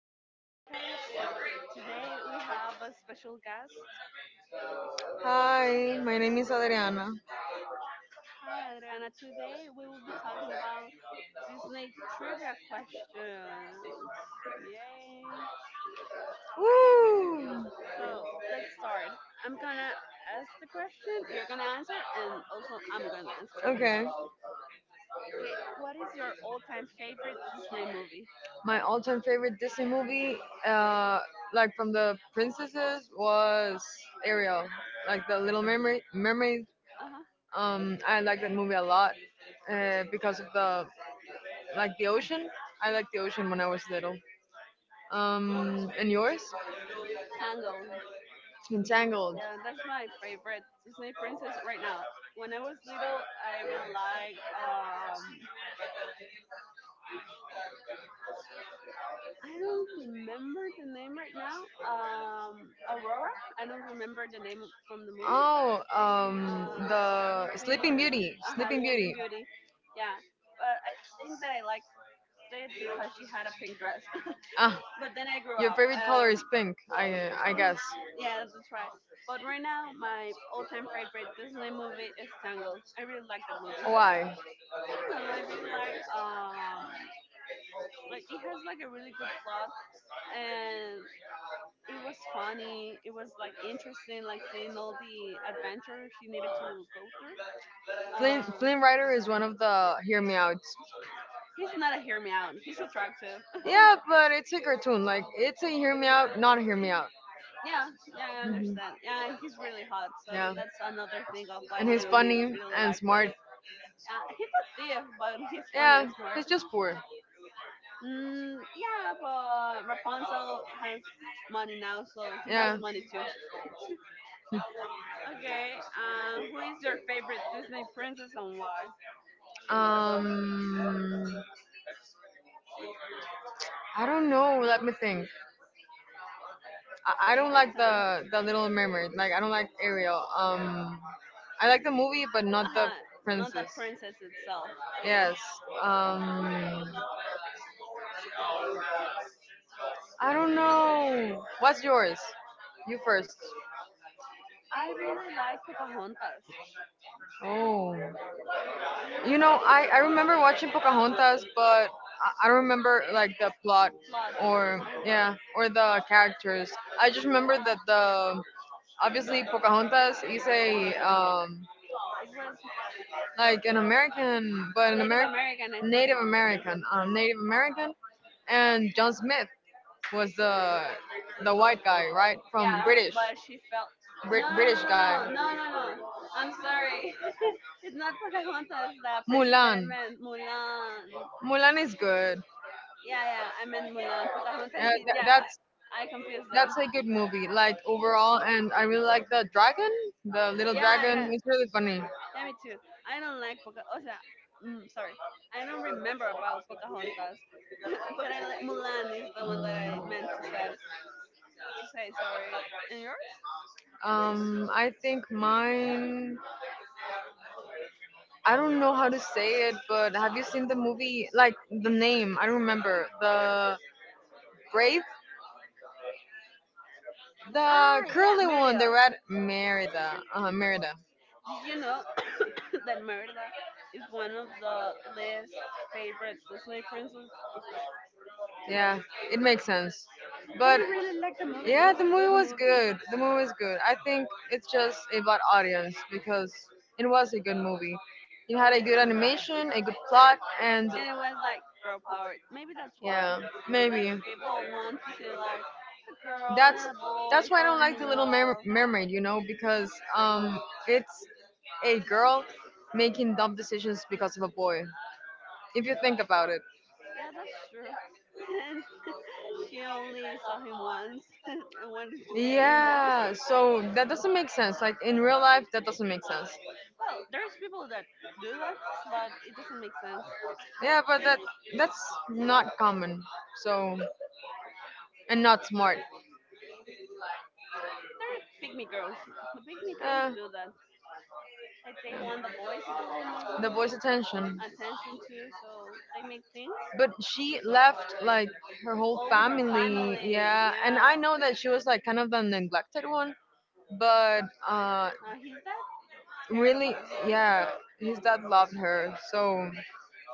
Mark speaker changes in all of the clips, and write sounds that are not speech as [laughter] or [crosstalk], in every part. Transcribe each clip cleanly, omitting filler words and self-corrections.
Speaker 1: to our podcast. Today we have a special guest.
Speaker 2: Hi, my name is Adriana.
Speaker 1: Hi Adriana, today we will be talking about Disney trivia questions. Yay! Okay,
Speaker 2: Woo!
Speaker 1: so let's start. I'm gonna ask the question, you're gonna answer, and also I'm gonna answer, okay?
Speaker 2: Okay.
Speaker 1: Okay, what is your all time favorite Disney movie?
Speaker 2: My all-time favorite Disney movie, uh, like from the princesses, was Ariel, like the Little Mermaid.
Speaker 1: Uh huh.
Speaker 2: I like that movie a lot, because of the like the ocean. I liked the ocean when I was little. And yours?
Speaker 1: Tango.
Speaker 2: Entangled.
Speaker 1: Yeah, that's my favorite Disney princess right now. When I was little, I really liked. I don't remember the name right now. Aurora. I don't remember the name from the movie.
Speaker 2: Oh,
Speaker 1: Uh,
Speaker 2: the Sleeping
Speaker 1: Sleeping.
Speaker 2: Beauty.
Speaker 1: Uh huh.
Speaker 2: Sleeping
Speaker 1: Sleeping
Speaker 2: Beauty.
Speaker 1: Beauty. Yeah, but I think that I liked it because she had a pink dress.
Speaker 2: Ah,
Speaker 1: [laughs] But then I grew
Speaker 2: your
Speaker 1: up.
Speaker 2: favorite color is
Speaker 1: Um,
Speaker 2: pink. I guess.
Speaker 1: [laughs] Yeah, that's right. But right now, my all-time favorite Disney movie is Tangled. I really like that movie.
Speaker 2: Why?
Speaker 1: I don't know. I really like it has like a really good plot and it was funny. It was like interesting, like seeing all the adventure she needed to go through.
Speaker 2: Flynn
Speaker 1: Uh,
Speaker 2: Flynn Rider is one of the hear me outs.
Speaker 1: he's not a hear me out. He's attractive.
Speaker 2: Yeah, but it's a cartoon. Like it's a hear me out, not a hear me out.
Speaker 1: [laughs] Yeah, yeah, I
Speaker 2: Hmm.
Speaker 1: understand. Yeah, and he's really hot. So
Speaker 2: Yeah,
Speaker 1: that's another thing of why
Speaker 2: and he's
Speaker 1: Little Me
Speaker 2: funny
Speaker 1: really
Speaker 2: and
Speaker 1: liked it.
Speaker 2: smart.
Speaker 1: He's a thief, but he's funny
Speaker 2: Yeah,
Speaker 1: and smart.
Speaker 2: he's just
Speaker 1: [laughs]
Speaker 2: poor.
Speaker 1: Yeah, but Rapunzel has money now, so he has
Speaker 2: Yeah.
Speaker 1: money too. [laughs] Okay. Who is your favorite Disney princess and why?
Speaker 2: Um, I don't know. Let me think. I
Speaker 1: Take
Speaker 2: don't
Speaker 1: your
Speaker 2: like
Speaker 1: time.
Speaker 2: the Little Mermaid. Like I don't like Ariel. I like the movie, but not
Speaker 1: Uh
Speaker 2: the
Speaker 1: huh. Not the
Speaker 2: princess.
Speaker 1: princess itself. Okay.
Speaker 2: Yes. Um, I don't know. What's yours? You first.
Speaker 1: I really like Pocahontas. I
Speaker 2: Oh.
Speaker 1: really
Speaker 2: You know,
Speaker 1: like
Speaker 2: I
Speaker 1: it.
Speaker 2: I remember watching Pocahontas, but I don't remember like the plot
Speaker 1: Plot it.
Speaker 2: or
Speaker 1: Uh huh.
Speaker 2: yeah or the characters. I just remember
Speaker 1: Yeah.
Speaker 2: that the obviously Pocahontas is a
Speaker 1: It was
Speaker 2: like an American, but an
Speaker 1: Native
Speaker 2: American
Speaker 1: American. I think it.
Speaker 2: Native
Speaker 1: Yeah.
Speaker 2: American, Native American, and John Smith was the white guy, right, from
Speaker 1: Yeah. But she felt. No no no
Speaker 2: British
Speaker 1: no no
Speaker 2: guy.
Speaker 1: no no no. I'm sorry. [laughs] It's not Pocahontas, the princess that
Speaker 2: Mulan,
Speaker 1: I meant. Mulan.
Speaker 2: Mulan is good.
Speaker 1: Yeah yeah. I meant Mulan. Pocahontas.
Speaker 2: Uh,
Speaker 1: Is-
Speaker 2: tha-
Speaker 1: Yeah.
Speaker 2: that's
Speaker 1: I confused them.
Speaker 2: that's a good movie, like overall, and I really like the dragon, the little
Speaker 1: Yeah,
Speaker 2: dragon.
Speaker 1: yeah.
Speaker 2: It's really funny.
Speaker 1: Yeah, me too. I don't like Pocahontas. Sorry. I don't remember about Pocahontas, [laughs] but I like Mulan is the one that I meant to say. To say sorry. And yours?
Speaker 2: I think mine. I don't know how to say it, but have you seen the movie? Like the name, I don't remember. The Brave, the
Speaker 1: Ah, yeah,
Speaker 2: curly one, the
Speaker 1: Merida.
Speaker 2: red Merida.
Speaker 1: Did you know [coughs] that Merida is one of the least favorite Disney princess?
Speaker 2: Yeah, it makes sense.
Speaker 1: But I
Speaker 2: But
Speaker 1: really liked the movie. It
Speaker 2: yeah,
Speaker 1: was
Speaker 2: the
Speaker 1: a
Speaker 2: movie
Speaker 1: good
Speaker 2: was
Speaker 1: movie,
Speaker 2: good. The movie was good. I think it's just about audience because it was a good movie. It had a good animation, a good plot, and
Speaker 1: and it was like girl power. Maybe that's why.
Speaker 2: yeah,
Speaker 1: Like
Speaker 2: maybe.
Speaker 1: people want to see like a girl
Speaker 2: That's
Speaker 1: and a boy
Speaker 2: that's why I don't
Speaker 1: falling
Speaker 2: like the
Speaker 1: in
Speaker 2: Little
Speaker 1: love.
Speaker 2: Mermaid, you know, because it's a girl making dumb decisions because of a boy. If you think about it,
Speaker 1: Yeah, that's true. [laughs] And [laughs] she only saw him once [laughs] and wanted to be a human.
Speaker 2: yeah. So that doesn't make sense. Like in real life, that doesn't make sense.
Speaker 1: Well, there's people that do that, but it doesn't make sense.
Speaker 2: Yeah, but that's not common. So and not smart.
Speaker 1: They are pygmy girls. The pygmy girls
Speaker 2: Uh,
Speaker 1: do that. Like they want the boys' approval,
Speaker 2: the
Speaker 1: maybe
Speaker 2: boy's attention.
Speaker 1: attention too. So they make things.
Speaker 2: But she left like her whole
Speaker 1: All her
Speaker 2: family.
Speaker 1: family,
Speaker 2: Yeah, and
Speaker 1: yeah,
Speaker 2: I know that she was like kind of the neglected one but
Speaker 1: he's that cared
Speaker 2: Really,
Speaker 1: about her.
Speaker 2: yeah, his dad loved her, so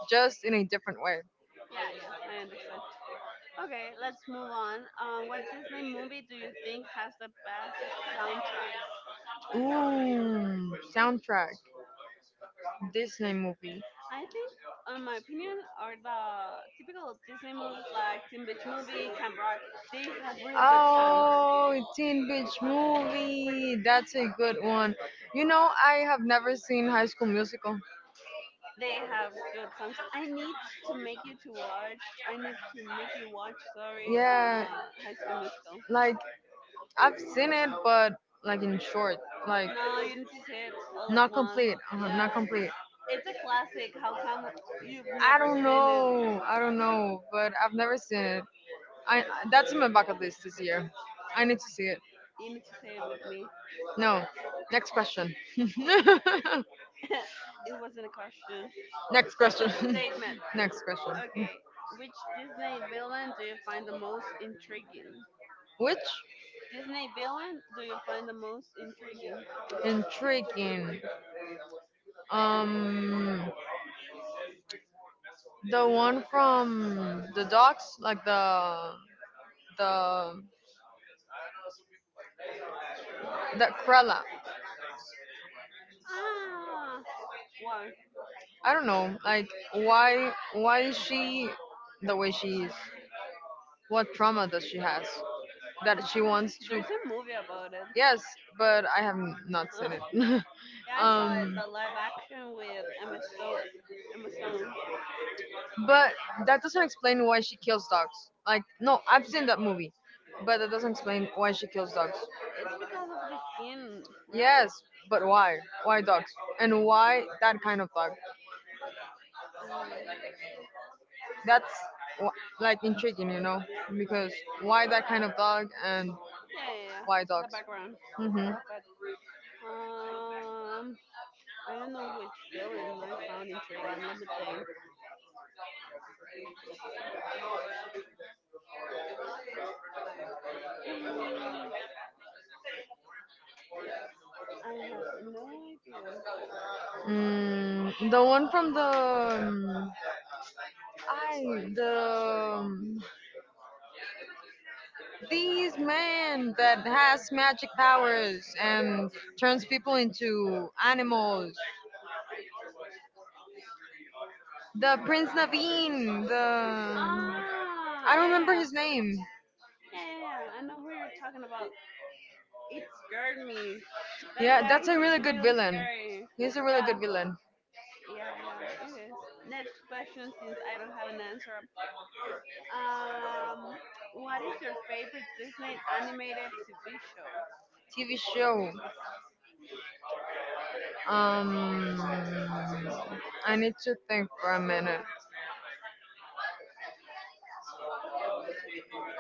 Speaker 2: just in a different way.
Speaker 1: Yeah, yeah, I understand. Okay, let's move on. What Disney movie do you think has the best soundtrack?
Speaker 2: Ooh, soundtrack, Disney movie.
Speaker 1: I think, in my opinion, are the typical Disney movies like Teen Beach Movie, Camp Rock. They have really good songs.
Speaker 2: Oh, Teen Beach movie. That's a good one. You know, I have never seen High School Musical.
Speaker 1: They have good songs. I need to make you to watch. I need to make you watch. Sorry,
Speaker 2: Yeah,
Speaker 1: High School Musical.
Speaker 2: like I've seen it, but like in short, like
Speaker 1: No, you need to see it all at
Speaker 2: not
Speaker 1: once.
Speaker 2: complete, not
Speaker 1: Yeah,
Speaker 2: complete.
Speaker 1: it's a classic. How come you've
Speaker 2: I
Speaker 1: never
Speaker 2: don't
Speaker 1: seen it?
Speaker 2: know, I don't know, but I've never seen it. I that's in my bucket list this year. I need to see it.
Speaker 1: You need to say it with me.
Speaker 2: No. Next question. [laughs]
Speaker 1: [laughs] It wasn't a question.
Speaker 2: Next
Speaker 1: It's a
Speaker 2: question.
Speaker 1: statement.
Speaker 2: [laughs] Next question.
Speaker 1: Okay, which Disney villain do you find the most intriguing?
Speaker 2: Which
Speaker 1: Disney villain do you find the most intriguing?
Speaker 2: intriguing? Um, the one from the dogs, like the that Krella.
Speaker 1: Ah, why?
Speaker 2: I don't know. Like why is she the way she is? What trauma does she has that she wants to?
Speaker 1: There's a movie about it.
Speaker 2: Yes, but I have not seen
Speaker 1: Uh,
Speaker 2: it.
Speaker 1: [laughs]
Speaker 2: [laughs]
Speaker 1: yeah, I saw it.
Speaker 2: um,
Speaker 1: The live action with Emma Stone. Emma Stone.
Speaker 2: but that doesn't explain why she kills dogs. Like, no, I've seen that movie, but that doesn't explain why she kills dogs.
Speaker 1: It's because of the skin, right?
Speaker 2: Yes, but why? Why dogs? And why that kind of dog?
Speaker 1: Um,
Speaker 2: That's like intriguing, you know? Because why that kind
Speaker 1: yeah.
Speaker 2: of dog and
Speaker 1: Yeah, yeah, yeah.
Speaker 2: why
Speaker 1: The
Speaker 2: dogs?
Speaker 1: background
Speaker 2: Hmm.
Speaker 1: of it. Um, I don't know which villain I found intriguing. Let me think. [sighs] Hmm, I have no idea.
Speaker 2: Mm, the
Speaker 1: I-
Speaker 2: one from the I the these man that has magic powers and turns people into animals. The Prince Naveen. The
Speaker 1: Ah,
Speaker 2: I don't
Speaker 1: yeah,
Speaker 2: remember
Speaker 1: yeah,
Speaker 2: his name.
Speaker 1: yeah, yeah, yeah. I know who you're talking about. It scared me. That
Speaker 2: Yeah,
Speaker 1: guy
Speaker 2: that's a
Speaker 1: is
Speaker 2: really good
Speaker 1: really
Speaker 2: villain.
Speaker 1: scary.
Speaker 2: He's a really good
Speaker 1: Yeah,
Speaker 2: villain.
Speaker 1: yeah, yeah. It is. Next question, since I don't have an answer. Um, what is your favorite Disney animated TV show?
Speaker 2: TV show. Um, I need to think for a minute.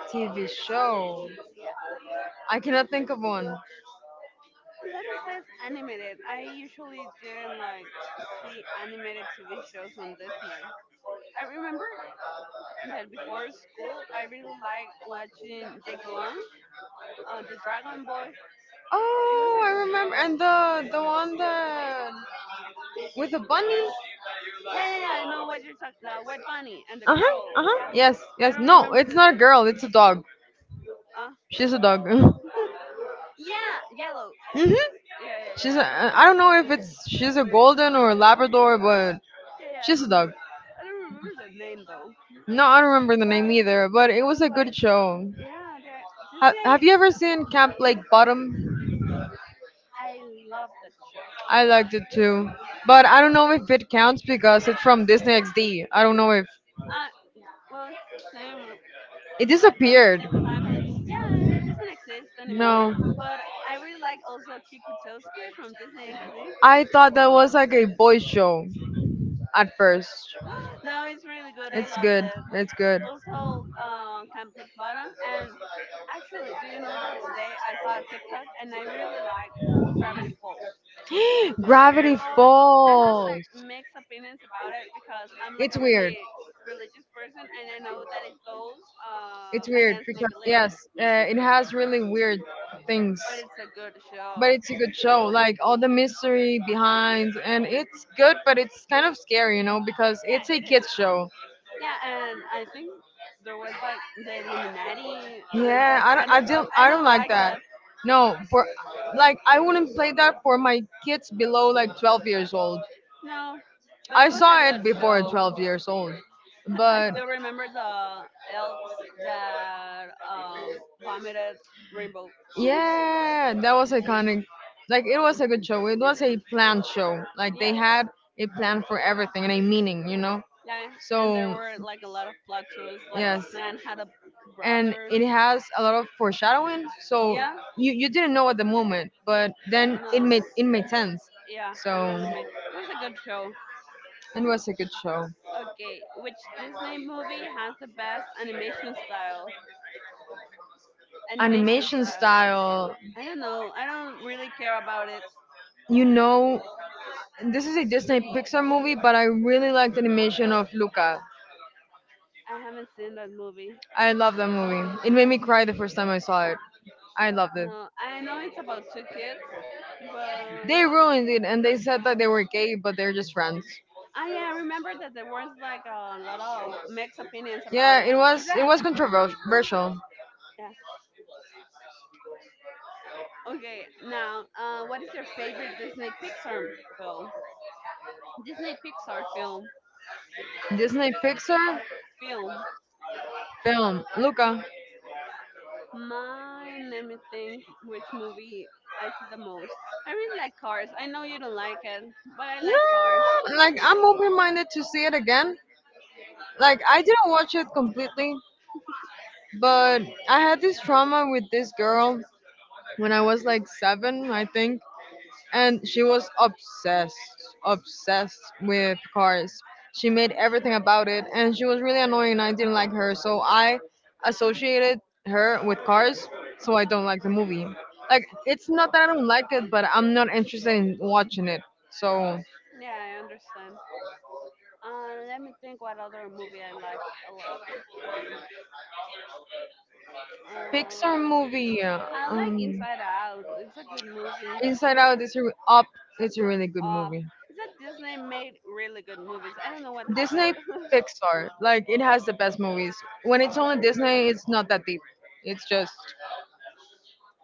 Speaker 2: TV show.
Speaker 1: Yeah,
Speaker 2: I cannot think of one.
Speaker 1: that it says animated. I usually didn't like see animated TV shows on Disney. I remember that before school, I really liked watching Jake Long. The Dragon Boy. It was
Speaker 2: Oh,
Speaker 1: a
Speaker 2: I
Speaker 1: good
Speaker 2: remember.
Speaker 1: show.
Speaker 2: And the one that with the bunny.
Speaker 1: Yeah, yeah, yeah. I know what you're talking. The White Bunny and the
Speaker 2: Uh huh.
Speaker 1: girl.
Speaker 2: Uh huh.
Speaker 1: Yeah,
Speaker 2: Yes.
Speaker 1: I
Speaker 2: Yes.
Speaker 1: don't
Speaker 2: No,
Speaker 1: remember
Speaker 2: it's
Speaker 1: the
Speaker 2: not a
Speaker 1: name.
Speaker 2: girl. It's a dog.
Speaker 1: Uh,
Speaker 2: She's a dog. [laughs]
Speaker 1: yeah, yellow.
Speaker 2: Mhm.
Speaker 1: Yeah, yeah,
Speaker 2: She's a,
Speaker 1: yeah,
Speaker 2: I don't know if it's she's a golden or a Labrador, but
Speaker 1: yeah, yeah. I
Speaker 2: she's a
Speaker 1: remember.
Speaker 2: dog.
Speaker 1: I don't remember the name though.
Speaker 2: No, I don't remember the name
Speaker 1: But
Speaker 2: either, but it
Speaker 1: it
Speaker 2: was
Speaker 1: was
Speaker 2: a
Speaker 1: like,
Speaker 2: good show.
Speaker 1: yeah, that-
Speaker 2: Have
Speaker 1: Disney.
Speaker 2: you ever seen Camp Lake Bottom?
Speaker 1: I love that show.
Speaker 2: I liked it too, but I don't know if it counts because it's from Disney XD. I don't know if
Speaker 1: Uh, well, it's the same,
Speaker 2: it
Speaker 1: like from the
Speaker 2: disappeared.
Speaker 1: same family. Yeah, it doesn't exist anymore.
Speaker 2: No,
Speaker 1: But I really like also Kikutowski from Disney XD.
Speaker 2: I thought that was like a boys' show at first.
Speaker 1: [gasps] No, it's really good. I
Speaker 2: It's
Speaker 1: loved
Speaker 2: good.
Speaker 1: it.
Speaker 2: It's good.
Speaker 1: Also Camp Lake
Speaker 2: [gasps]
Speaker 1: Bottom. And actually, do you know that today I saw a TikTok and I really like Gravity Falls,
Speaker 2: Gravity
Speaker 1: but I have like
Speaker 2: Falls.
Speaker 1: mixed opinions about it because I'm like
Speaker 2: It's
Speaker 1: a
Speaker 2: weird.
Speaker 1: really religious person and I know that it goes
Speaker 2: It's weird
Speaker 1: against my
Speaker 2: because
Speaker 1: beliefs.
Speaker 2: yes, it has really weird things,
Speaker 1: But it's a good show.
Speaker 2: but it's a good show. Like all the mystery behind, and it's good, but it's kind of scary, you know, because
Speaker 1: Yeah,
Speaker 2: it's a
Speaker 1: it is.
Speaker 2: kids show.
Speaker 1: Yeah, and I think there was like the Illuminati and
Speaker 2: Yeah,
Speaker 1: that
Speaker 2: I don't,
Speaker 1: kind
Speaker 2: I
Speaker 1: of stuff.
Speaker 2: don't,
Speaker 1: I
Speaker 2: I don't
Speaker 1: don't
Speaker 2: like
Speaker 1: like
Speaker 2: that.
Speaker 1: that.
Speaker 2: No, for like I wouldn't play that for my kids below like 12 years old.
Speaker 1: No, but it
Speaker 2: I
Speaker 1: was a
Speaker 2: saw it
Speaker 1: good
Speaker 2: before
Speaker 1: show.
Speaker 2: 12 years old,
Speaker 1: I
Speaker 2: but
Speaker 1: still remember the elves that vomited Rainbow.
Speaker 2: yeah, that was iconic. Like it was a good show. It was a planned show. Like they
Speaker 1: Yeah,
Speaker 2: had a plan for everything and a meaning, you know.
Speaker 1: yeah. And there
Speaker 2: So
Speaker 1: were like a lot of plot twists. Like
Speaker 2: yes,
Speaker 1: Stan had a
Speaker 2: and
Speaker 1: brother.
Speaker 2: it has a lot of foreshadowing. So
Speaker 1: Yeah,
Speaker 2: you didn't know at the moment, but then
Speaker 1: no,
Speaker 2: it made sense.
Speaker 1: yeah.
Speaker 2: So
Speaker 1: It really made. It was a good show.
Speaker 2: it was a good show.
Speaker 1: Okay, which Disney movie has the best animation style? Animation
Speaker 2: Animation
Speaker 1: style.
Speaker 2: style,
Speaker 1: I don't know. I don't really care about it.
Speaker 2: you know this is a Disney Pixar movie, but I really liked the animation of Luca.
Speaker 1: I haven't seen that movie.
Speaker 2: I love that movie. It made me cry the first time I saw it. I loved it.
Speaker 1: No, I know it's about two kids, but
Speaker 2: They ruined it, and they said that they were gay, but they're just friends.
Speaker 1: ah, yeah, I remember that there was like a lot of mixed opinions about
Speaker 2: Yeah,
Speaker 1: it. Is
Speaker 2: it
Speaker 1: that?
Speaker 2: was controversial.
Speaker 1: Yeah. Okay, now, what is your favorite Disney Pixar film? Disney Pixar film.
Speaker 2: Disney Pixar
Speaker 1: Film.
Speaker 2: film Luca.
Speaker 1: Mine, let me think which movie I see the most. I really like Cars. I know you don't like it, but I like Cars.
Speaker 2: Yeah, like I'm open-minded to see it again. Like I didn't watch it completely, but I had this trauma with this girl when I was like seven, I think. And she was obsessed obsessed with cars. She made everything about it and she was really annoying and I didn't like her, so I associated her with cars, so I don't like the movie. Like it's not that I don't like it, but I'm not interested in watching it, so
Speaker 1: Yeah, I understand. Let me think what other movie I like a lot.
Speaker 2: pixar
Speaker 1: Um,
Speaker 2: movie
Speaker 1: I like
Speaker 2: um,
Speaker 1: Inside Out. It's a good movie.
Speaker 2: inside out is up it's a really good
Speaker 1: Uh,
Speaker 2: movie.
Speaker 1: is that Disney made really good movies? I don't know what happened.
Speaker 2: Disney
Speaker 1: [laughs]
Speaker 2: Pixar like it has the best movies. When it's only Disney it's not that deep, it's just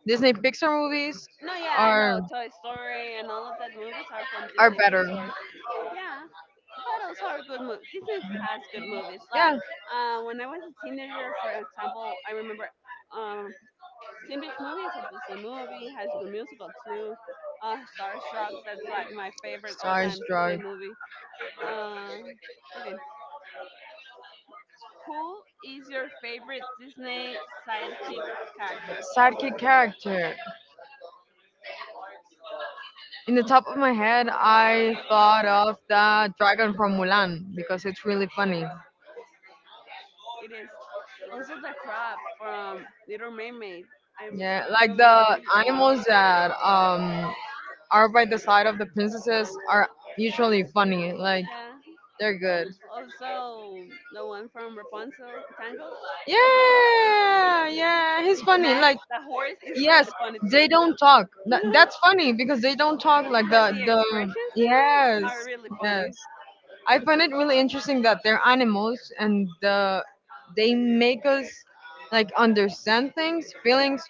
Speaker 2: Disney Pixar movies
Speaker 1: No, yeah, I
Speaker 2: are
Speaker 1: know. Toy Story and all of that movies are from
Speaker 2: are
Speaker 1: Disney
Speaker 2: better.
Speaker 1: Pixar. Yeah, but also are good movies. Disney has good movies. Like
Speaker 2: Yeah,
Speaker 1: when I was a teenager, for example, I remember um, Teen Beach Movie is a Disney movie. High School Musical too. Starstruck. That's like my favorite all-time Disney
Speaker 2: Starstruck.
Speaker 1: movie. Uh, okay, who is your favorite Disney sidekick character?
Speaker 2: Sidekick character. In the top of my head, I thought of the dragon from Mulan because it's really funny.
Speaker 1: It is. Also, the crab from Little Mermaid. I,
Speaker 2: Yeah,
Speaker 1: I
Speaker 2: like
Speaker 1: don't remember
Speaker 2: the
Speaker 1: his name.
Speaker 2: animals that are by the side of the princesses are usually funny. Like
Speaker 1: Yeah.
Speaker 2: they're good.
Speaker 1: Also, the one from Rapunzel, Tangle.
Speaker 2: Yeah, yeah, he's funny.
Speaker 1: Max,
Speaker 2: Like
Speaker 1: the horse, is
Speaker 2: yes,
Speaker 1: really funny
Speaker 2: they
Speaker 1: too.
Speaker 2: don't talk. That's
Speaker 1: [laughs]
Speaker 2: funny because they don't talk like the
Speaker 1: But the
Speaker 2: the
Speaker 1: expressions they make
Speaker 2: yes,
Speaker 1: are really
Speaker 2: yes.
Speaker 1: funny
Speaker 2: I find it really interesting that they're animals and they make us like understand things, feelings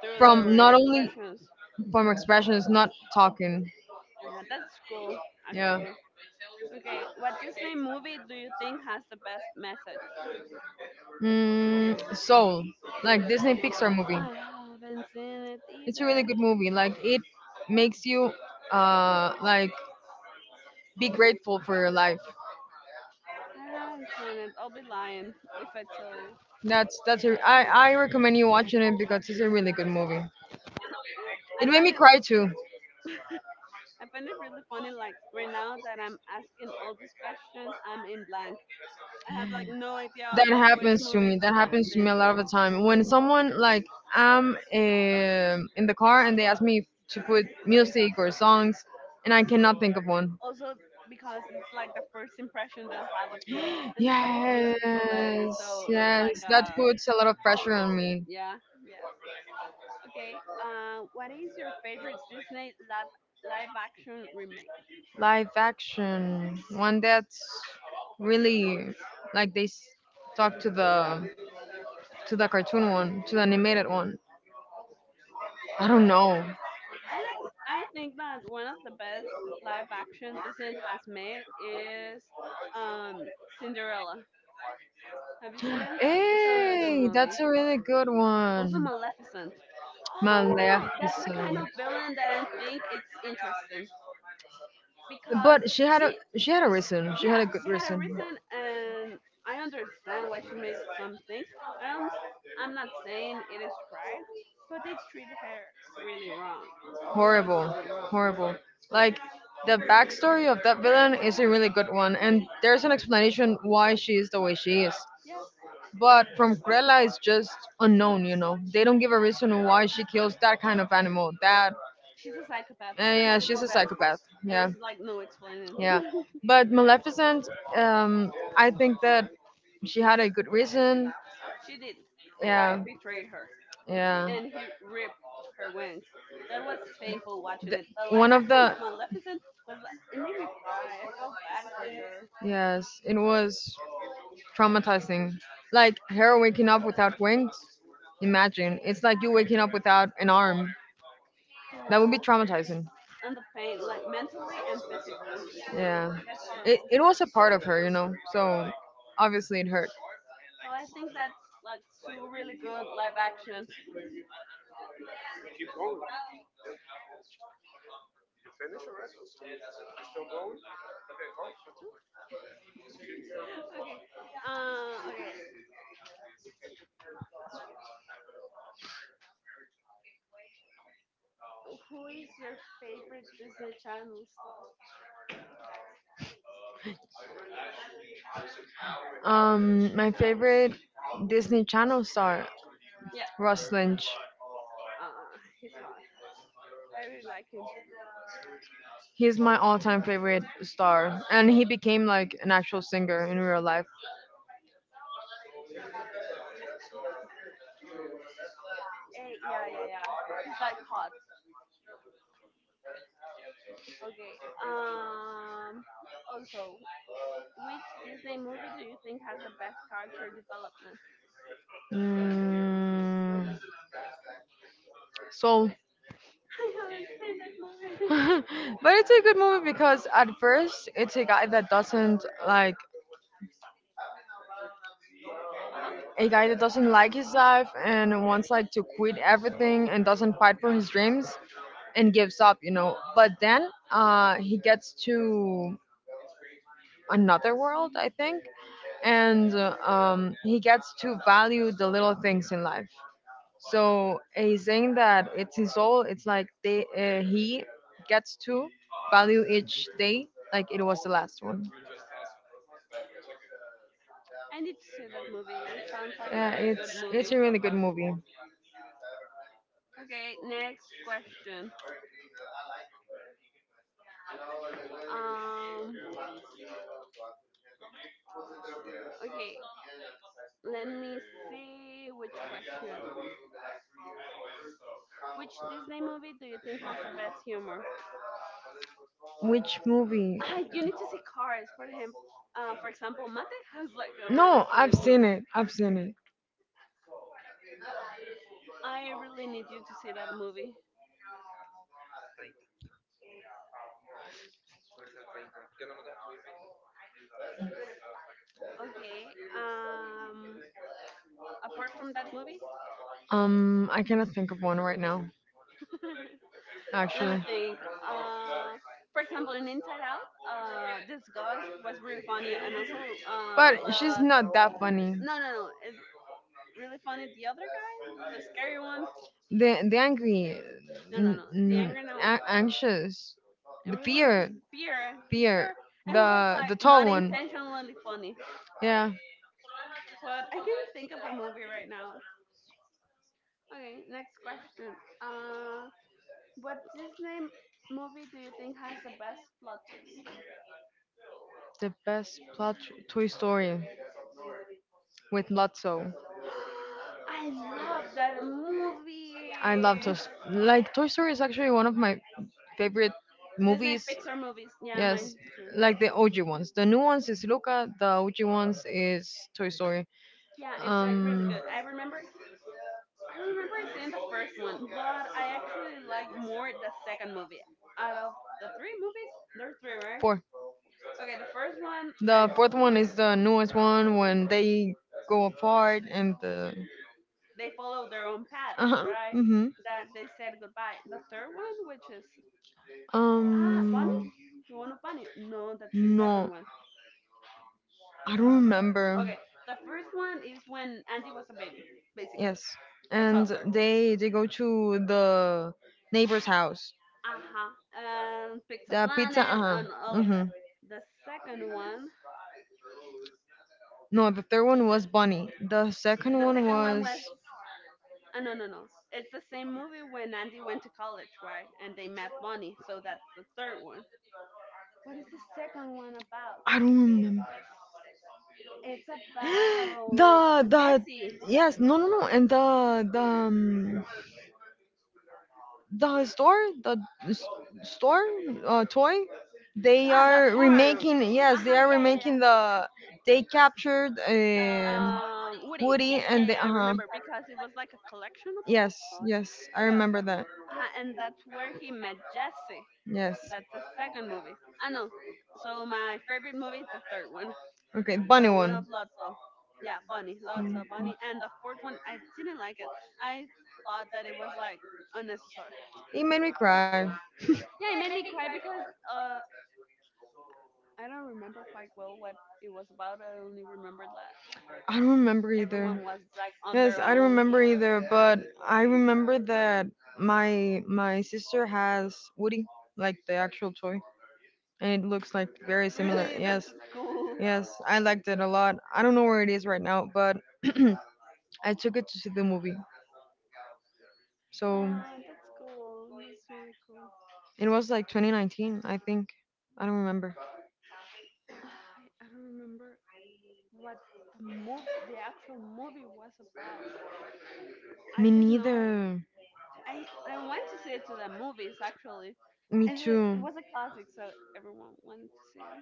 Speaker 1: through
Speaker 2: from
Speaker 1: their
Speaker 2: not only
Speaker 1: expressions.
Speaker 2: from expressions, not talking.
Speaker 1: Yeah, that's cool,
Speaker 2: Yeah.
Speaker 1: actually. Okay, what Disney movie do you think has the best message?
Speaker 2: Mm, Soul, like Disney Pixar movie.
Speaker 1: I haven't seen it
Speaker 2: It's a really
Speaker 1: either.
Speaker 2: good movie. Like it makes you like be grateful for your life.
Speaker 1: I haven't seen it. I'll be lying if I tell you.
Speaker 2: That's a, I recommend you watching it because it's a really good movie. It
Speaker 1: I
Speaker 2: made
Speaker 1: find
Speaker 2: me
Speaker 1: it
Speaker 2: cry too.
Speaker 1: I find it really funny, like right now that I'm asking all these questions, I'm in blank. I have like no idea
Speaker 2: That
Speaker 1: of which
Speaker 2: happens to
Speaker 1: movies
Speaker 2: me. That
Speaker 1: I've
Speaker 2: happens to me a
Speaker 1: seen.
Speaker 2: lot of the time. When someone like I'm in the car and they ask me to put music or songs, and I cannot think of one.
Speaker 1: Also, because it's like the first impression they'll have of you and the type of
Speaker 2: Yes,
Speaker 1: music you play. So it's
Speaker 2: yes,
Speaker 1: like,
Speaker 2: that puts a lot of pressure on me.
Speaker 1: yeah, yeah. Okay. What is your favorite Disney live action remake?
Speaker 2: Live action, one that's really like they talk to the cartoon one, to the animated one. I don't know.
Speaker 1: I like. I think that one of the best live action Disney has made is um Cinderella. Have you seen it? It's a really good
Speaker 2: Hey,
Speaker 1: movie.
Speaker 2: that's a really good
Speaker 1: Also,
Speaker 2: one.
Speaker 1: Maleficent. Oh, that's the kind
Speaker 2: Maleficent.
Speaker 1: of villain that I think it's interesting because
Speaker 2: But
Speaker 1: she,
Speaker 2: she had a reason. She had a
Speaker 1: yeah,
Speaker 2: good
Speaker 1: she had a
Speaker 2: reason.
Speaker 1: reason, and I understand why she made some things. And I'm, I'm not saying it is right, but they treat her really wrong, really,
Speaker 2: Horrible,
Speaker 1: really wrong.
Speaker 2: horrible. Like the backstory of that villain is a really good one, and there's an explanation why she is the way she is.
Speaker 1: Yeah,
Speaker 2: But from Grella, it's just unknown. You know, they don't give a reason why she kills that kind of animal. That,
Speaker 1: she's a psychopath. There's
Speaker 2: yeah, she's
Speaker 1: people
Speaker 2: a
Speaker 1: that
Speaker 2: psychopath.
Speaker 1: there's
Speaker 2: Yeah.
Speaker 1: like no explaining. [laughs]
Speaker 2: Yeah, but Maleficent, um, I think that she had a good reason.
Speaker 1: She did. The guy
Speaker 2: Yeah,
Speaker 1: betrayed her.
Speaker 2: yeah.
Speaker 1: And he ripped her wings. That was painful watching
Speaker 2: The,
Speaker 1: it. The live
Speaker 2: one of
Speaker 1: action of
Speaker 2: the
Speaker 1: Maleficent was it made me cry. I felt bad for her.
Speaker 2: yes, it was traumatizing. Like her waking up without wings. Imagine it's like you waking up without an arm. That would
Speaker 1: Yeah,
Speaker 2: be traumatizing.
Speaker 1: and the pain, like mentally and physically.
Speaker 2: Yeah,
Speaker 1: That's
Speaker 2: it
Speaker 1: horrible.
Speaker 2: it was a part of her, you know. So obviously it hurt.
Speaker 1: So I think that's like two really good live actions. [laughs] Okay. Okay. Who is your favorite Disney Channel star?
Speaker 2: My favorite Disney Channel star,
Speaker 1: Yeah.
Speaker 2: Russ Lynch.
Speaker 1: Uh, he's hot. I really like him.
Speaker 2: He's my all-time favorite star, and he became like an actual singer in real life.
Speaker 1: Yeah, yeah, yeah. He's like hot. Okay. Also, which Disney movie do you think has the best character development?
Speaker 2: Mm, so,
Speaker 1: [laughs] I haven't seen that
Speaker 2: [laughs]
Speaker 1: movie.
Speaker 2: but it's a good movie because at first it's a guy that doesn't like
Speaker 1: [laughs] Uh-huh.
Speaker 2: a guy that doesn't like his life and wants like to quit everything and doesn't fight for his dreams and gives up, you know. But then he gets to another world, I think, and he gets to value the little things in life. So he's saying that it's his soul. It's like they he gets to value each day like it was the last one.
Speaker 1: I need to see that movie. It sounds like a
Speaker 2: Yeah,
Speaker 1: really good
Speaker 2: it's
Speaker 1: movie.
Speaker 2: a really good movie.
Speaker 1: Okay, next question. Um, okay, let me see which question. Which Disney movie do you think has the best humor? [laughs]
Speaker 2: Which movie?
Speaker 1: Ah, you need to see Cars for him. For example, Mate has like a really
Speaker 2: No,
Speaker 1: funny
Speaker 2: I've
Speaker 1: mood.
Speaker 2: seen it. I've seen it.
Speaker 1: I really need you to see that movie. Okay. Apart from that movie,
Speaker 2: I cannot think of one right now,
Speaker 1: [laughs] let me
Speaker 2: actually.
Speaker 1: think. Uh, for example, in Inside Out, this ghost was really funny, and also
Speaker 2: But she's
Speaker 1: the
Speaker 2: not that funny.
Speaker 1: no, no, no, it's really funny. The other guy, the scary one,
Speaker 2: The angry,
Speaker 1: no, no,
Speaker 2: n-
Speaker 1: no, the
Speaker 2: n-
Speaker 1: angry no,
Speaker 2: a- anxious,
Speaker 1: it
Speaker 2: the
Speaker 1: was
Speaker 2: fear,
Speaker 1: actually fear,
Speaker 2: fear,
Speaker 1: fear, and it was like
Speaker 2: the tall
Speaker 1: not
Speaker 2: one.
Speaker 1: intentionally funny.
Speaker 2: Yeah,
Speaker 1: But I can't think of a movie right now. Okay, next question. Uh, what Disney movie do you think has the best plot twist?
Speaker 2: the best plot Toy Story with Lotso.
Speaker 1: [gasps] I love that
Speaker 2: I love Toy.
Speaker 1: movie.
Speaker 2: Story. Like Toy Story is actually one of my favorite
Speaker 1: Disney
Speaker 2: movies.
Speaker 1: Pixar movies. Yeah,
Speaker 2: Yes,
Speaker 1: mine too.
Speaker 2: like the OG ones. The new ones is Luca. The OG ones is Toy Story.
Speaker 1: Yeah, it's like really
Speaker 2: Um,
Speaker 1: good. I remember seeing the first one, but I actually like more the second movie. Out of the three movies, there's three, right?
Speaker 2: four.
Speaker 1: Okay, the first one, I,
Speaker 2: The fourth one is the newest one when they go apart and the.
Speaker 1: they follow their own
Speaker 2: Uh
Speaker 1: paths,
Speaker 2: huh.
Speaker 1: right?
Speaker 2: Mm-hmm.
Speaker 1: That they said goodbye. The third one, which is ah Bunny,
Speaker 2: Um,
Speaker 1: the one of Bunny. No, that's the second
Speaker 2: no,
Speaker 1: one.
Speaker 2: I don't
Speaker 1: Mm, okay,
Speaker 2: remember.
Speaker 1: the first one is when Andy was a baby, basically
Speaker 2: Yes,
Speaker 1: a
Speaker 2: and
Speaker 1: toddler.
Speaker 2: they go to the neighbor's house.
Speaker 1: Uh huh. And picks a
Speaker 2: The pizza,
Speaker 1: planet
Speaker 2: uh huh.
Speaker 1: and all of
Speaker 2: Hmm.
Speaker 1: that. The second one,
Speaker 2: No, the third one was Bunny. The second
Speaker 1: the
Speaker 2: one
Speaker 1: second one
Speaker 2: was
Speaker 1: was. No, no, no. It's the same movie when Andy went to college, right? And they met Bonnie. So that's the third one. What is the second one about?
Speaker 2: I don't remember.
Speaker 1: It's about
Speaker 2: The
Speaker 1: Jesse.
Speaker 2: yes, no no no, and the the store, the s- store, toy. They
Speaker 1: Ah, the
Speaker 2: are
Speaker 1: farm.
Speaker 2: remaking.
Speaker 1: Uh
Speaker 2: Yes, they
Speaker 1: huh.
Speaker 2: are
Speaker 1: Yeah, yeah, yeah.
Speaker 2: remaking the. They captured
Speaker 1: Woody.
Speaker 2: Woody
Speaker 1: Yeah, yeah. I
Speaker 2: and the. Uh
Speaker 1: remember
Speaker 2: huh.
Speaker 1: because it was like a collection of
Speaker 2: Yes,
Speaker 1: books.
Speaker 2: yes, I
Speaker 1: Yeah,
Speaker 2: remember that.
Speaker 1: ah, and that's where he met Jesse.
Speaker 2: Yes.
Speaker 1: That's the second movie. I know. So my favorite movie is the third one,
Speaker 2: Okay, bunny
Speaker 1: the one
Speaker 2: one.
Speaker 1: of Lotso. Yeah, Bunny, Lotso,
Speaker 2: Mhm.
Speaker 1: Bunny, and the fourth one I didn't like it. I thought that it was like unnecessary.
Speaker 2: It made me cry.
Speaker 1: Yeah, it made me cry because uh I don't remember quite well what it was about. I only remembered that
Speaker 2: I don't remember
Speaker 1: everyone
Speaker 2: either.
Speaker 1: was like on
Speaker 2: Yes,
Speaker 1: their
Speaker 2: I don't
Speaker 1: own. [laughs]
Speaker 2: remember either, but I remember that my sister has Woody, like the actual toy, and it looks like very similar.
Speaker 1: Really, that's
Speaker 2: Yes,
Speaker 1: cool.
Speaker 2: yes, I liked it a lot. I don't know where it is right now, but [clears throat] I took it to see the movie. So
Speaker 1: Oh, that's cool. That's really cool.
Speaker 2: it was like 2019, I think. I don't remember.
Speaker 1: [sighs] I don't remember what the movie, the actual movie was about. I
Speaker 2: Me
Speaker 1: just know
Speaker 2: neither.
Speaker 1: I went to see it to the movies actually,
Speaker 2: Me
Speaker 1: and it
Speaker 2: too.
Speaker 1: was a classic, so everyone wanted to see it.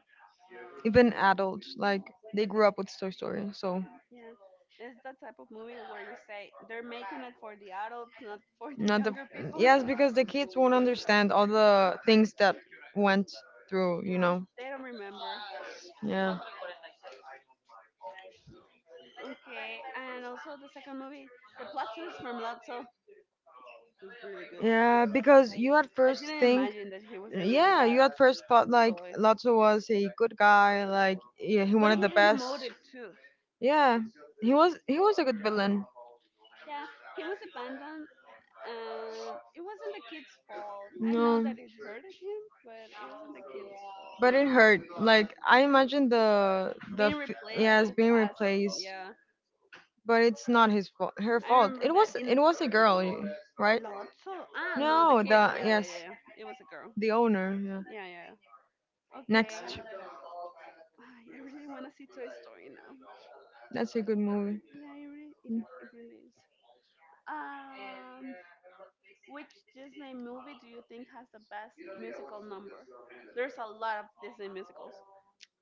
Speaker 2: Even adults, like
Speaker 1: Mm,
Speaker 2: they grew up with Toy Story, so
Speaker 1: yeah, it's that type of movie where you say they're making it for the adults, not [laughs] for the
Speaker 2: not the
Speaker 1: younger people.
Speaker 2: yes, because the kids won't understand all the things that went through, you
Speaker 1: Yeah,
Speaker 2: know.
Speaker 1: they don't remember.
Speaker 2: Yeah.
Speaker 1: Okay, and also the second movie, the plot twist from Lotso was really good.
Speaker 2: Yeah, because you at
Speaker 1: I
Speaker 2: first
Speaker 1: didn't
Speaker 2: think,
Speaker 1: imagine that he was a really
Speaker 2: yeah, you
Speaker 1: bad
Speaker 2: at first thought like
Speaker 1: toy,
Speaker 2: Lotso was a good guy, like yeah, he
Speaker 1: but
Speaker 2: wanted
Speaker 1: he
Speaker 2: the
Speaker 1: had a
Speaker 2: best.
Speaker 1: motive too.
Speaker 2: Yeah, he was a good villain.
Speaker 1: Yeah, he was abandoned, and it wasn't the kid's fault. I know
Speaker 2: No,
Speaker 1: that it hurted him, but it wasn't the kid's fault.
Speaker 2: but it hurt. Like I imagine the the
Speaker 1: Being
Speaker 2: f-
Speaker 1: replaced
Speaker 2: yeah is
Speaker 1: so
Speaker 2: being
Speaker 1: fast.
Speaker 2: replaced,
Speaker 1: Yeah,
Speaker 2: but it's not his fault. Her
Speaker 1: I
Speaker 2: fault.
Speaker 1: remember
Speaker 2: It
Speaker 1: that
Speaker 2: was it
Speaker 1: in
Speaker 2: was a girl, right?
Speaker 1: Lotso. Ah, no, the
Speaker 2: No,
Speaker 1: kid.
Speaker 2: the
Speaker 1: Yeah, yeah,
Speaker 2: yes,
Speaker 1: yeah, yeah. It was a girl.
Speaker 2: the owner. Yeah.
Speaker 1: Yeah, yeah. Okay.
Speaker 2: Next,
Speaker 1: Ay, I really want to see Toy Story now.
Speaker 2: that's a good movie.
Speaker 1: Yeah,
Speaker 2: Mm.
Speaker 1: it really is. Um, which Disney movie do you think has the best musical number? There's a lot of Disney musicals.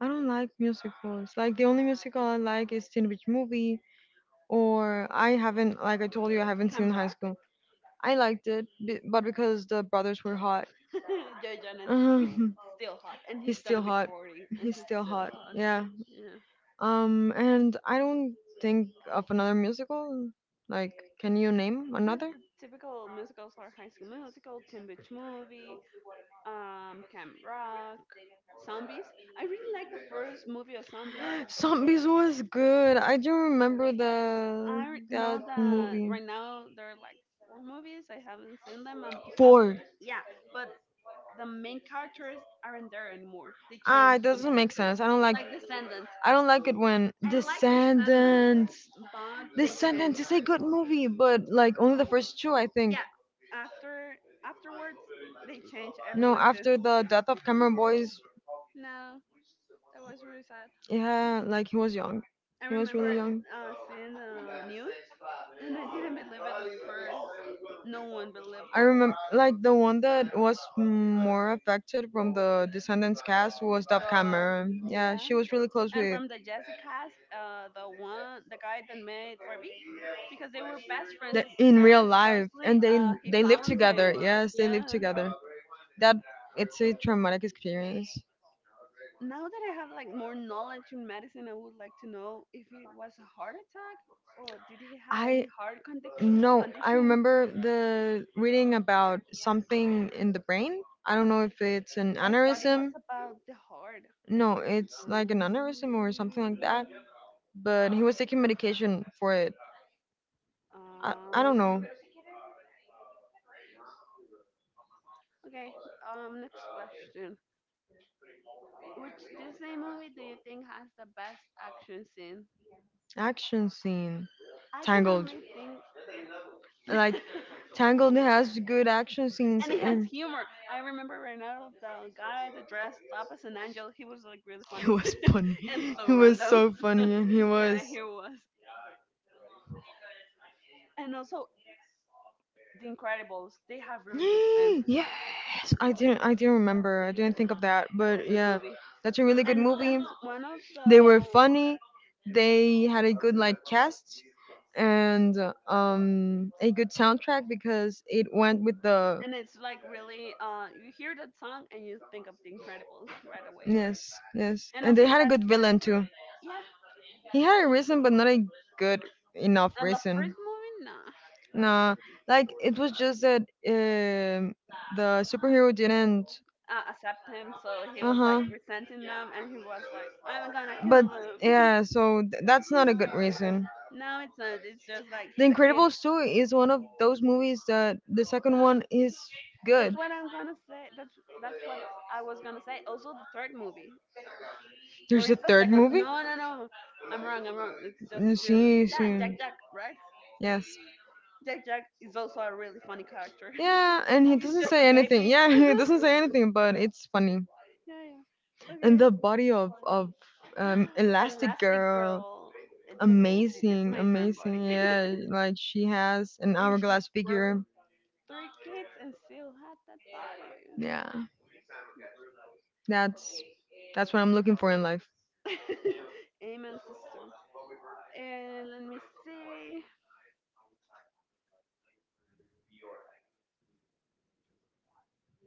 Speaker 2: I don't like musicals. Like the only musical I like is Teen Beach Movie, or I haven't like I told you I haven't seen
Speaker 1: Camera?
Speaker 2: High School. I liked it, but because the brothers were hot.
Speaker 1: [laughs] Joy Jonas. He's
Speaker 2: [laughs]
Speaker 1: still hot, and
Speaker 2: He's
Speaker 1: he's
Speaker 2: still
Speaker 1: gonna be
Speaker 2: hot.
Speaker 1: 40, and
Speaker 2: He's
Speaker 1: he's
Speaker 2: still
Speaker 1: still
Speaker 2: hot.
Speaker 1: hot.
Speaker 2: Yeah.
Speaker 1: Yeah.
Speaker 2: And I don't think of another musical. Like, can you name
Speaker 1: Is that
Speaker 2: another?
Speaker 1: the typical musicals or High School Musical, Teen Beach Movie, Camp Rock, Zombies? I really like the first movie of Zombies.
Speaker 2: Zombies was good. I do remember the
Speaker 1: Know
Speaker 2: that
Speaker 1: that
Speaker 2: movie.
Speaker 1: right now there are like four movies. I haven't seen them.
Speaker 2: Four.
Speaker 1: Yeah, but the main characters aren't there anymore. They
Speaker 2: Ah,
Speaker 1: changed
Speaker 2: it doesn't make
Speaker 1: completely.
Speaker 2: sense. I don't like.
Speaker 1: Like Descendants.
Speaker 2: I don't like it when
Speaker 1: I like Descendants,
Speaker 2: Descendants.
Speaker 1: but they
Speaker 2: Descendants
Speaker 1: changed.
Speaker 2: is a good movie, but like only the first two, I think.
Speaker 1: Yeah, after afterwards they changed
Speaker 2: No,
Speaker 1: everyone too.
Speaker 2: after the death of Cameron Boyce,
Speaker 1: No. That was really sad.
Speaker 2: yeah, like he was young.
Speaker 1: I
Speaker 2: He was
Speaker 1: remember
Speaker 2: really young.
Speaker 1: seeing the news, and I didn't believe it at first. No one believed
Speaker 2: I
Speaker 1: it.
Speaker 2: remember, like, the one that was more affected from the Descendants cast was Dove
Speaker 1: The
Speaker 2: Cameron. Yeah,
Speaker 1: yeah,
Speaker 2: she was really close
Speaker 1: and
Speaker 2: with
Speaker 1: from the Jessica's, the one, the guy that made Ruby, because they were best friends,
Speaker 2: the, in
Speaker 1: and
Speaker 2: real life,
Speaker 1: supposedly
Speaker 2: and they
Speaker 1: he
Speaker 2: they live
Speaker 1: found
Speaker 2: together.
Speaker 1: him.
Speaker 2: Yes, they live
Speaker 1: Yeah,
Speaker 2: together. That it's a traumatic experience.
Speaker 1: now that I have like more knowledge in medicine, I would like to know if it was a heart attack or did he had
Speaker 2: I
Speaker 1: any heart condition.
Speaker 2: No, I
Speaker 1: Condition.
Speaker 2: remember the reading about something in the brain. I don't know if it's an
Speaker 1: I thought it was
Speaker 2: aneurysm.
Speaker 1: about the heart.
Speaker 2: No, it's like an aneurysm or something like
Speaker 1: Um,
Speaker 2: that. But he was taking medication for it. I don't
Speaker 1: um,
Speaker 2: know.
Speaker 1: okay. Next question. Which Disney movie do you think has the best action scene?
Speaker 2: Action scene.
Speaker 1: I can
Speaker 2: Tangled.
Speaker 1: only think,
Speaker 2: Like, Tangled has good action
Speaker 1: [laughs]
Speaker 2: scenes
Speaker 1: and it has
Speaker 2: and
Speaker 1: humor. I remember right now the guy that dressed up as an angel. He was like really
Speaker 2: he
Speaker 1: funny
Speaker 2: was funny.
Speaker 1: [laughs] and
Speaker 2: [laughs]
Speaker 1: so
Speaker 2: He was
Speaker 1: random.
Speaker 2: so funny and he was
Speaker 1: Yeah, he was. And also, The Incredibles, they have really good sense.
Speaker 2: [gasps] yes, I didn't remember. I didn't think of that,
Speaker 1: That's a
Speaker 2: but
Speaker 1: good
Speaker 2: yeah,
Speaker 1: movie.
Speaker 2: that's a really good
Speaker 1: And
Speaker 2: movie.
Speaker 1: that's one of the.
Speaker 2: They were funny. They had a good like cast and a good soundtrack because it went with the
Speaker 1: And it's like really. You hear that song and you think of The Incredibles right away.
Speaker 2: yes, yes.
Speaker 1: And
Speaker 2: And they
Speaker 1: also,
Speaker 2: had a
Speaker 1: that's
Speaker 2: good
Speaker 1: like.
Speaker 2: villain too.
Speaker 1: Yeah.
Speaker 2: He had a reason but not a good enough
Speaker 1: And the first
Speaker 2: reason.
Speaker 1: movie, nah.
Speaker 2: Nah, like it was just that um the superhero didn't
Speaker 1: Accept him. So he was like
Speaker 2: uh-huh.
Speaker 1: resenting them and he was like, I'm gonna
Speaker 2: But
Speaker 1: kill them.
Speaker 2: yeah, so that's not a good reason.
Speaker 1: [laughs] No, it's not. It's just like
Speaker 2: The
Speaker 1: he's a kid.
Speaker 2: Incredibles 2 is one of those movies that the second one is
Speaker 1: That's
Speaker 2: good.
Speaker 1: what I'm gonna say. That's what I was gonna say. Also, the third movie, or
Speaker 2: There's a
Speaker 1: is the
Speaker 2: third
Speaker 1: second?
Speaker 2: movie?
Speaker 1: No, no, no. I'm wrong. I'm wrong. It's just
Speaker 2: Mm,
Speaker 1: still
Speaker 2: sí,
Speaker 1: yeah,
Speaker 2: sí.
Speaker 1: Jack Jack, right?
Speaker 2: Yes.
Speaker 1: Jack Jack is also a really funny character.
Speaker 2: Yeah, and
Speaker 1: [laughs]
Speaker 2: he
Speaker 1: He's
Speaker 2: doesn't
Speaker 1: just a
Speaker 2: say anything.
Speaker 1: baby.
Speaker 2: Yeah, [laughs] he
Speaker 1: [laughs]
Speaker 2: doesn't say anything, but it's funny.
Speaker 1: Yeah, yeah.
Speaker 2: And
Speaker 1: Okay.
Speaker 2: the body of
Speaker 1: [gasps]
Speaker 2: Elastic
Speaker 1: Elastic
Speaker 2: Girl,
Speaker 1: Girl. It's amazing. It's
Speaker 2: amazing,
Speaker 1: my dream body.
Speaker 2: amazing.
Speaker 1: [laughs]
Speaker 2: Yeah, like she has an
Speaker 1: And she
Speaker 2: hourglass figure.
Speaker 1: birthed three kids and still had that body.
Speaker 2: Yeah, that's that's what I'm looking for in life.
Speaker 1: [laughs] Amen, sister. And let me see.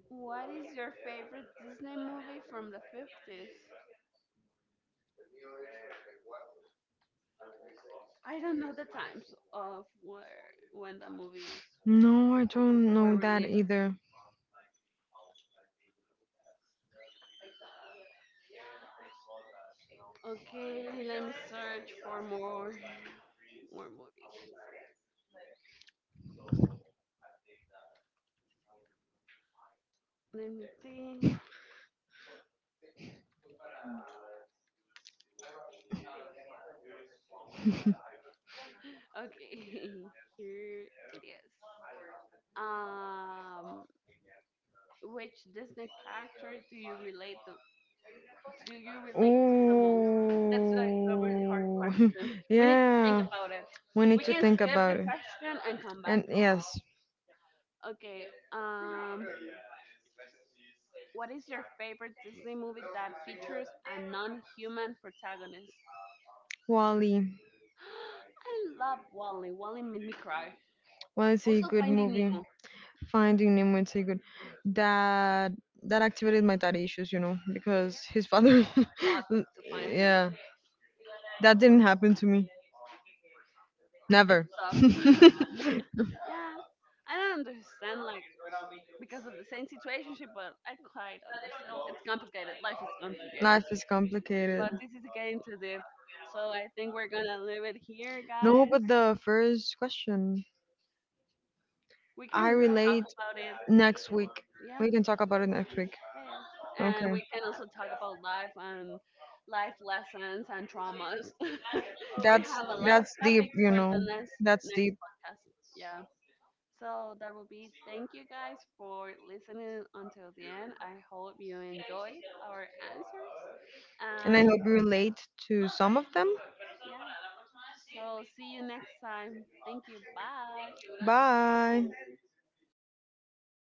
Speaker 1: What is your favorite Disney movie from the 50s? I don't know the times of where when the movies
Speaker 2: No, I don't
Speaker 1: were
Speaker 2: know that
Speaker 1: released.
Speaker 2: either.
Speaker 1: Okay, let me search for more [laughs] more movies. Let me think. Okay, [laughs] here it is. Um, which Disney character do you relate to? Do you relate to the most?
Speaker 2: Ooh,
Speaker 1: That's like a really hard question.
Speaker 2: [laughs]
Speaker 1: We need to think
Speaker 2: yeah.
Speaker 1: about it.
Speaker 2: We need
Speaker 1: We
Speaker 2: to
Speaker 1: can
Speaker 2: think
Speaker 1: skip the
Speaker 2: about it.
Speaker 1: question and come back.
Speaker 2: And yes,
Speaker 1: Okay. Um, What is your favorite Disney movie that features a non-human protagonist?
Speaker 2: Wally.
Speaker 1: [gasps] I love Wally. Wally made me cry.
Speaker 2: Wally is a
Speaker 1: Also,
Speaker 2: good
Speaker 1: Finding
Speaker 2: movie.
Speaker 1: Nemo.
Speaker 2: Finding Nemo is a good. That that activated my daddy issues, you know, because his father.
Speaker 1: Plot
Speaker 2: [laughs] l-
Speaker 1: to find him.
Speaker 2: yeah, that didn't happen to me.
Speaker 1: It's
Speaker 2: Never.
Speaker 1: tough. [laughs]
Speaker 2: [laughs]
Speaker 1: Yeah, I don't understand like because of the same situationship, but I quite understand. It's complicated. Life is complicated.
Speaker 2: Life is complicated.
Speaker 1: But this is getting too deep, so I think we're gonna leave it here,
Speaker 2: No,
Speaker 1: guys.
Speaker 2: but the first question,
Speaker 1: We
Speaker 2: I
Speaker 1: can talk
Speaker 2: relate
Speaker 1: about it.
Speaker 2: next week.
Speaker 1: Yeah.
Speaker 2: We can talk about it next week.
Speaker 1: Yeah.
Speaker 2: Okay.
Speaker 1: And we can also talk about life and life lessons and traumas. [laughs] We
Speaker 2: That's
Speaker 1: have a lot of
Speaker 2: that's deep,
Speaker 1: topics
Speaker 2: you
Speaker 1: for the
Speaker 2: know. That's
Speaker 1: next
Speaker 2: deep.
Speaker 1: podcast. Yeah. So that will be thank you guys for listening until the end. I hope you enjoyed our answers.
Speaker 2: And I
Speaker 1: And
Speaker 2: hope you relate to some of them.
Speaker 1: yeah. So see you next time. Thank you. Bye.
Speaker 2: Bye.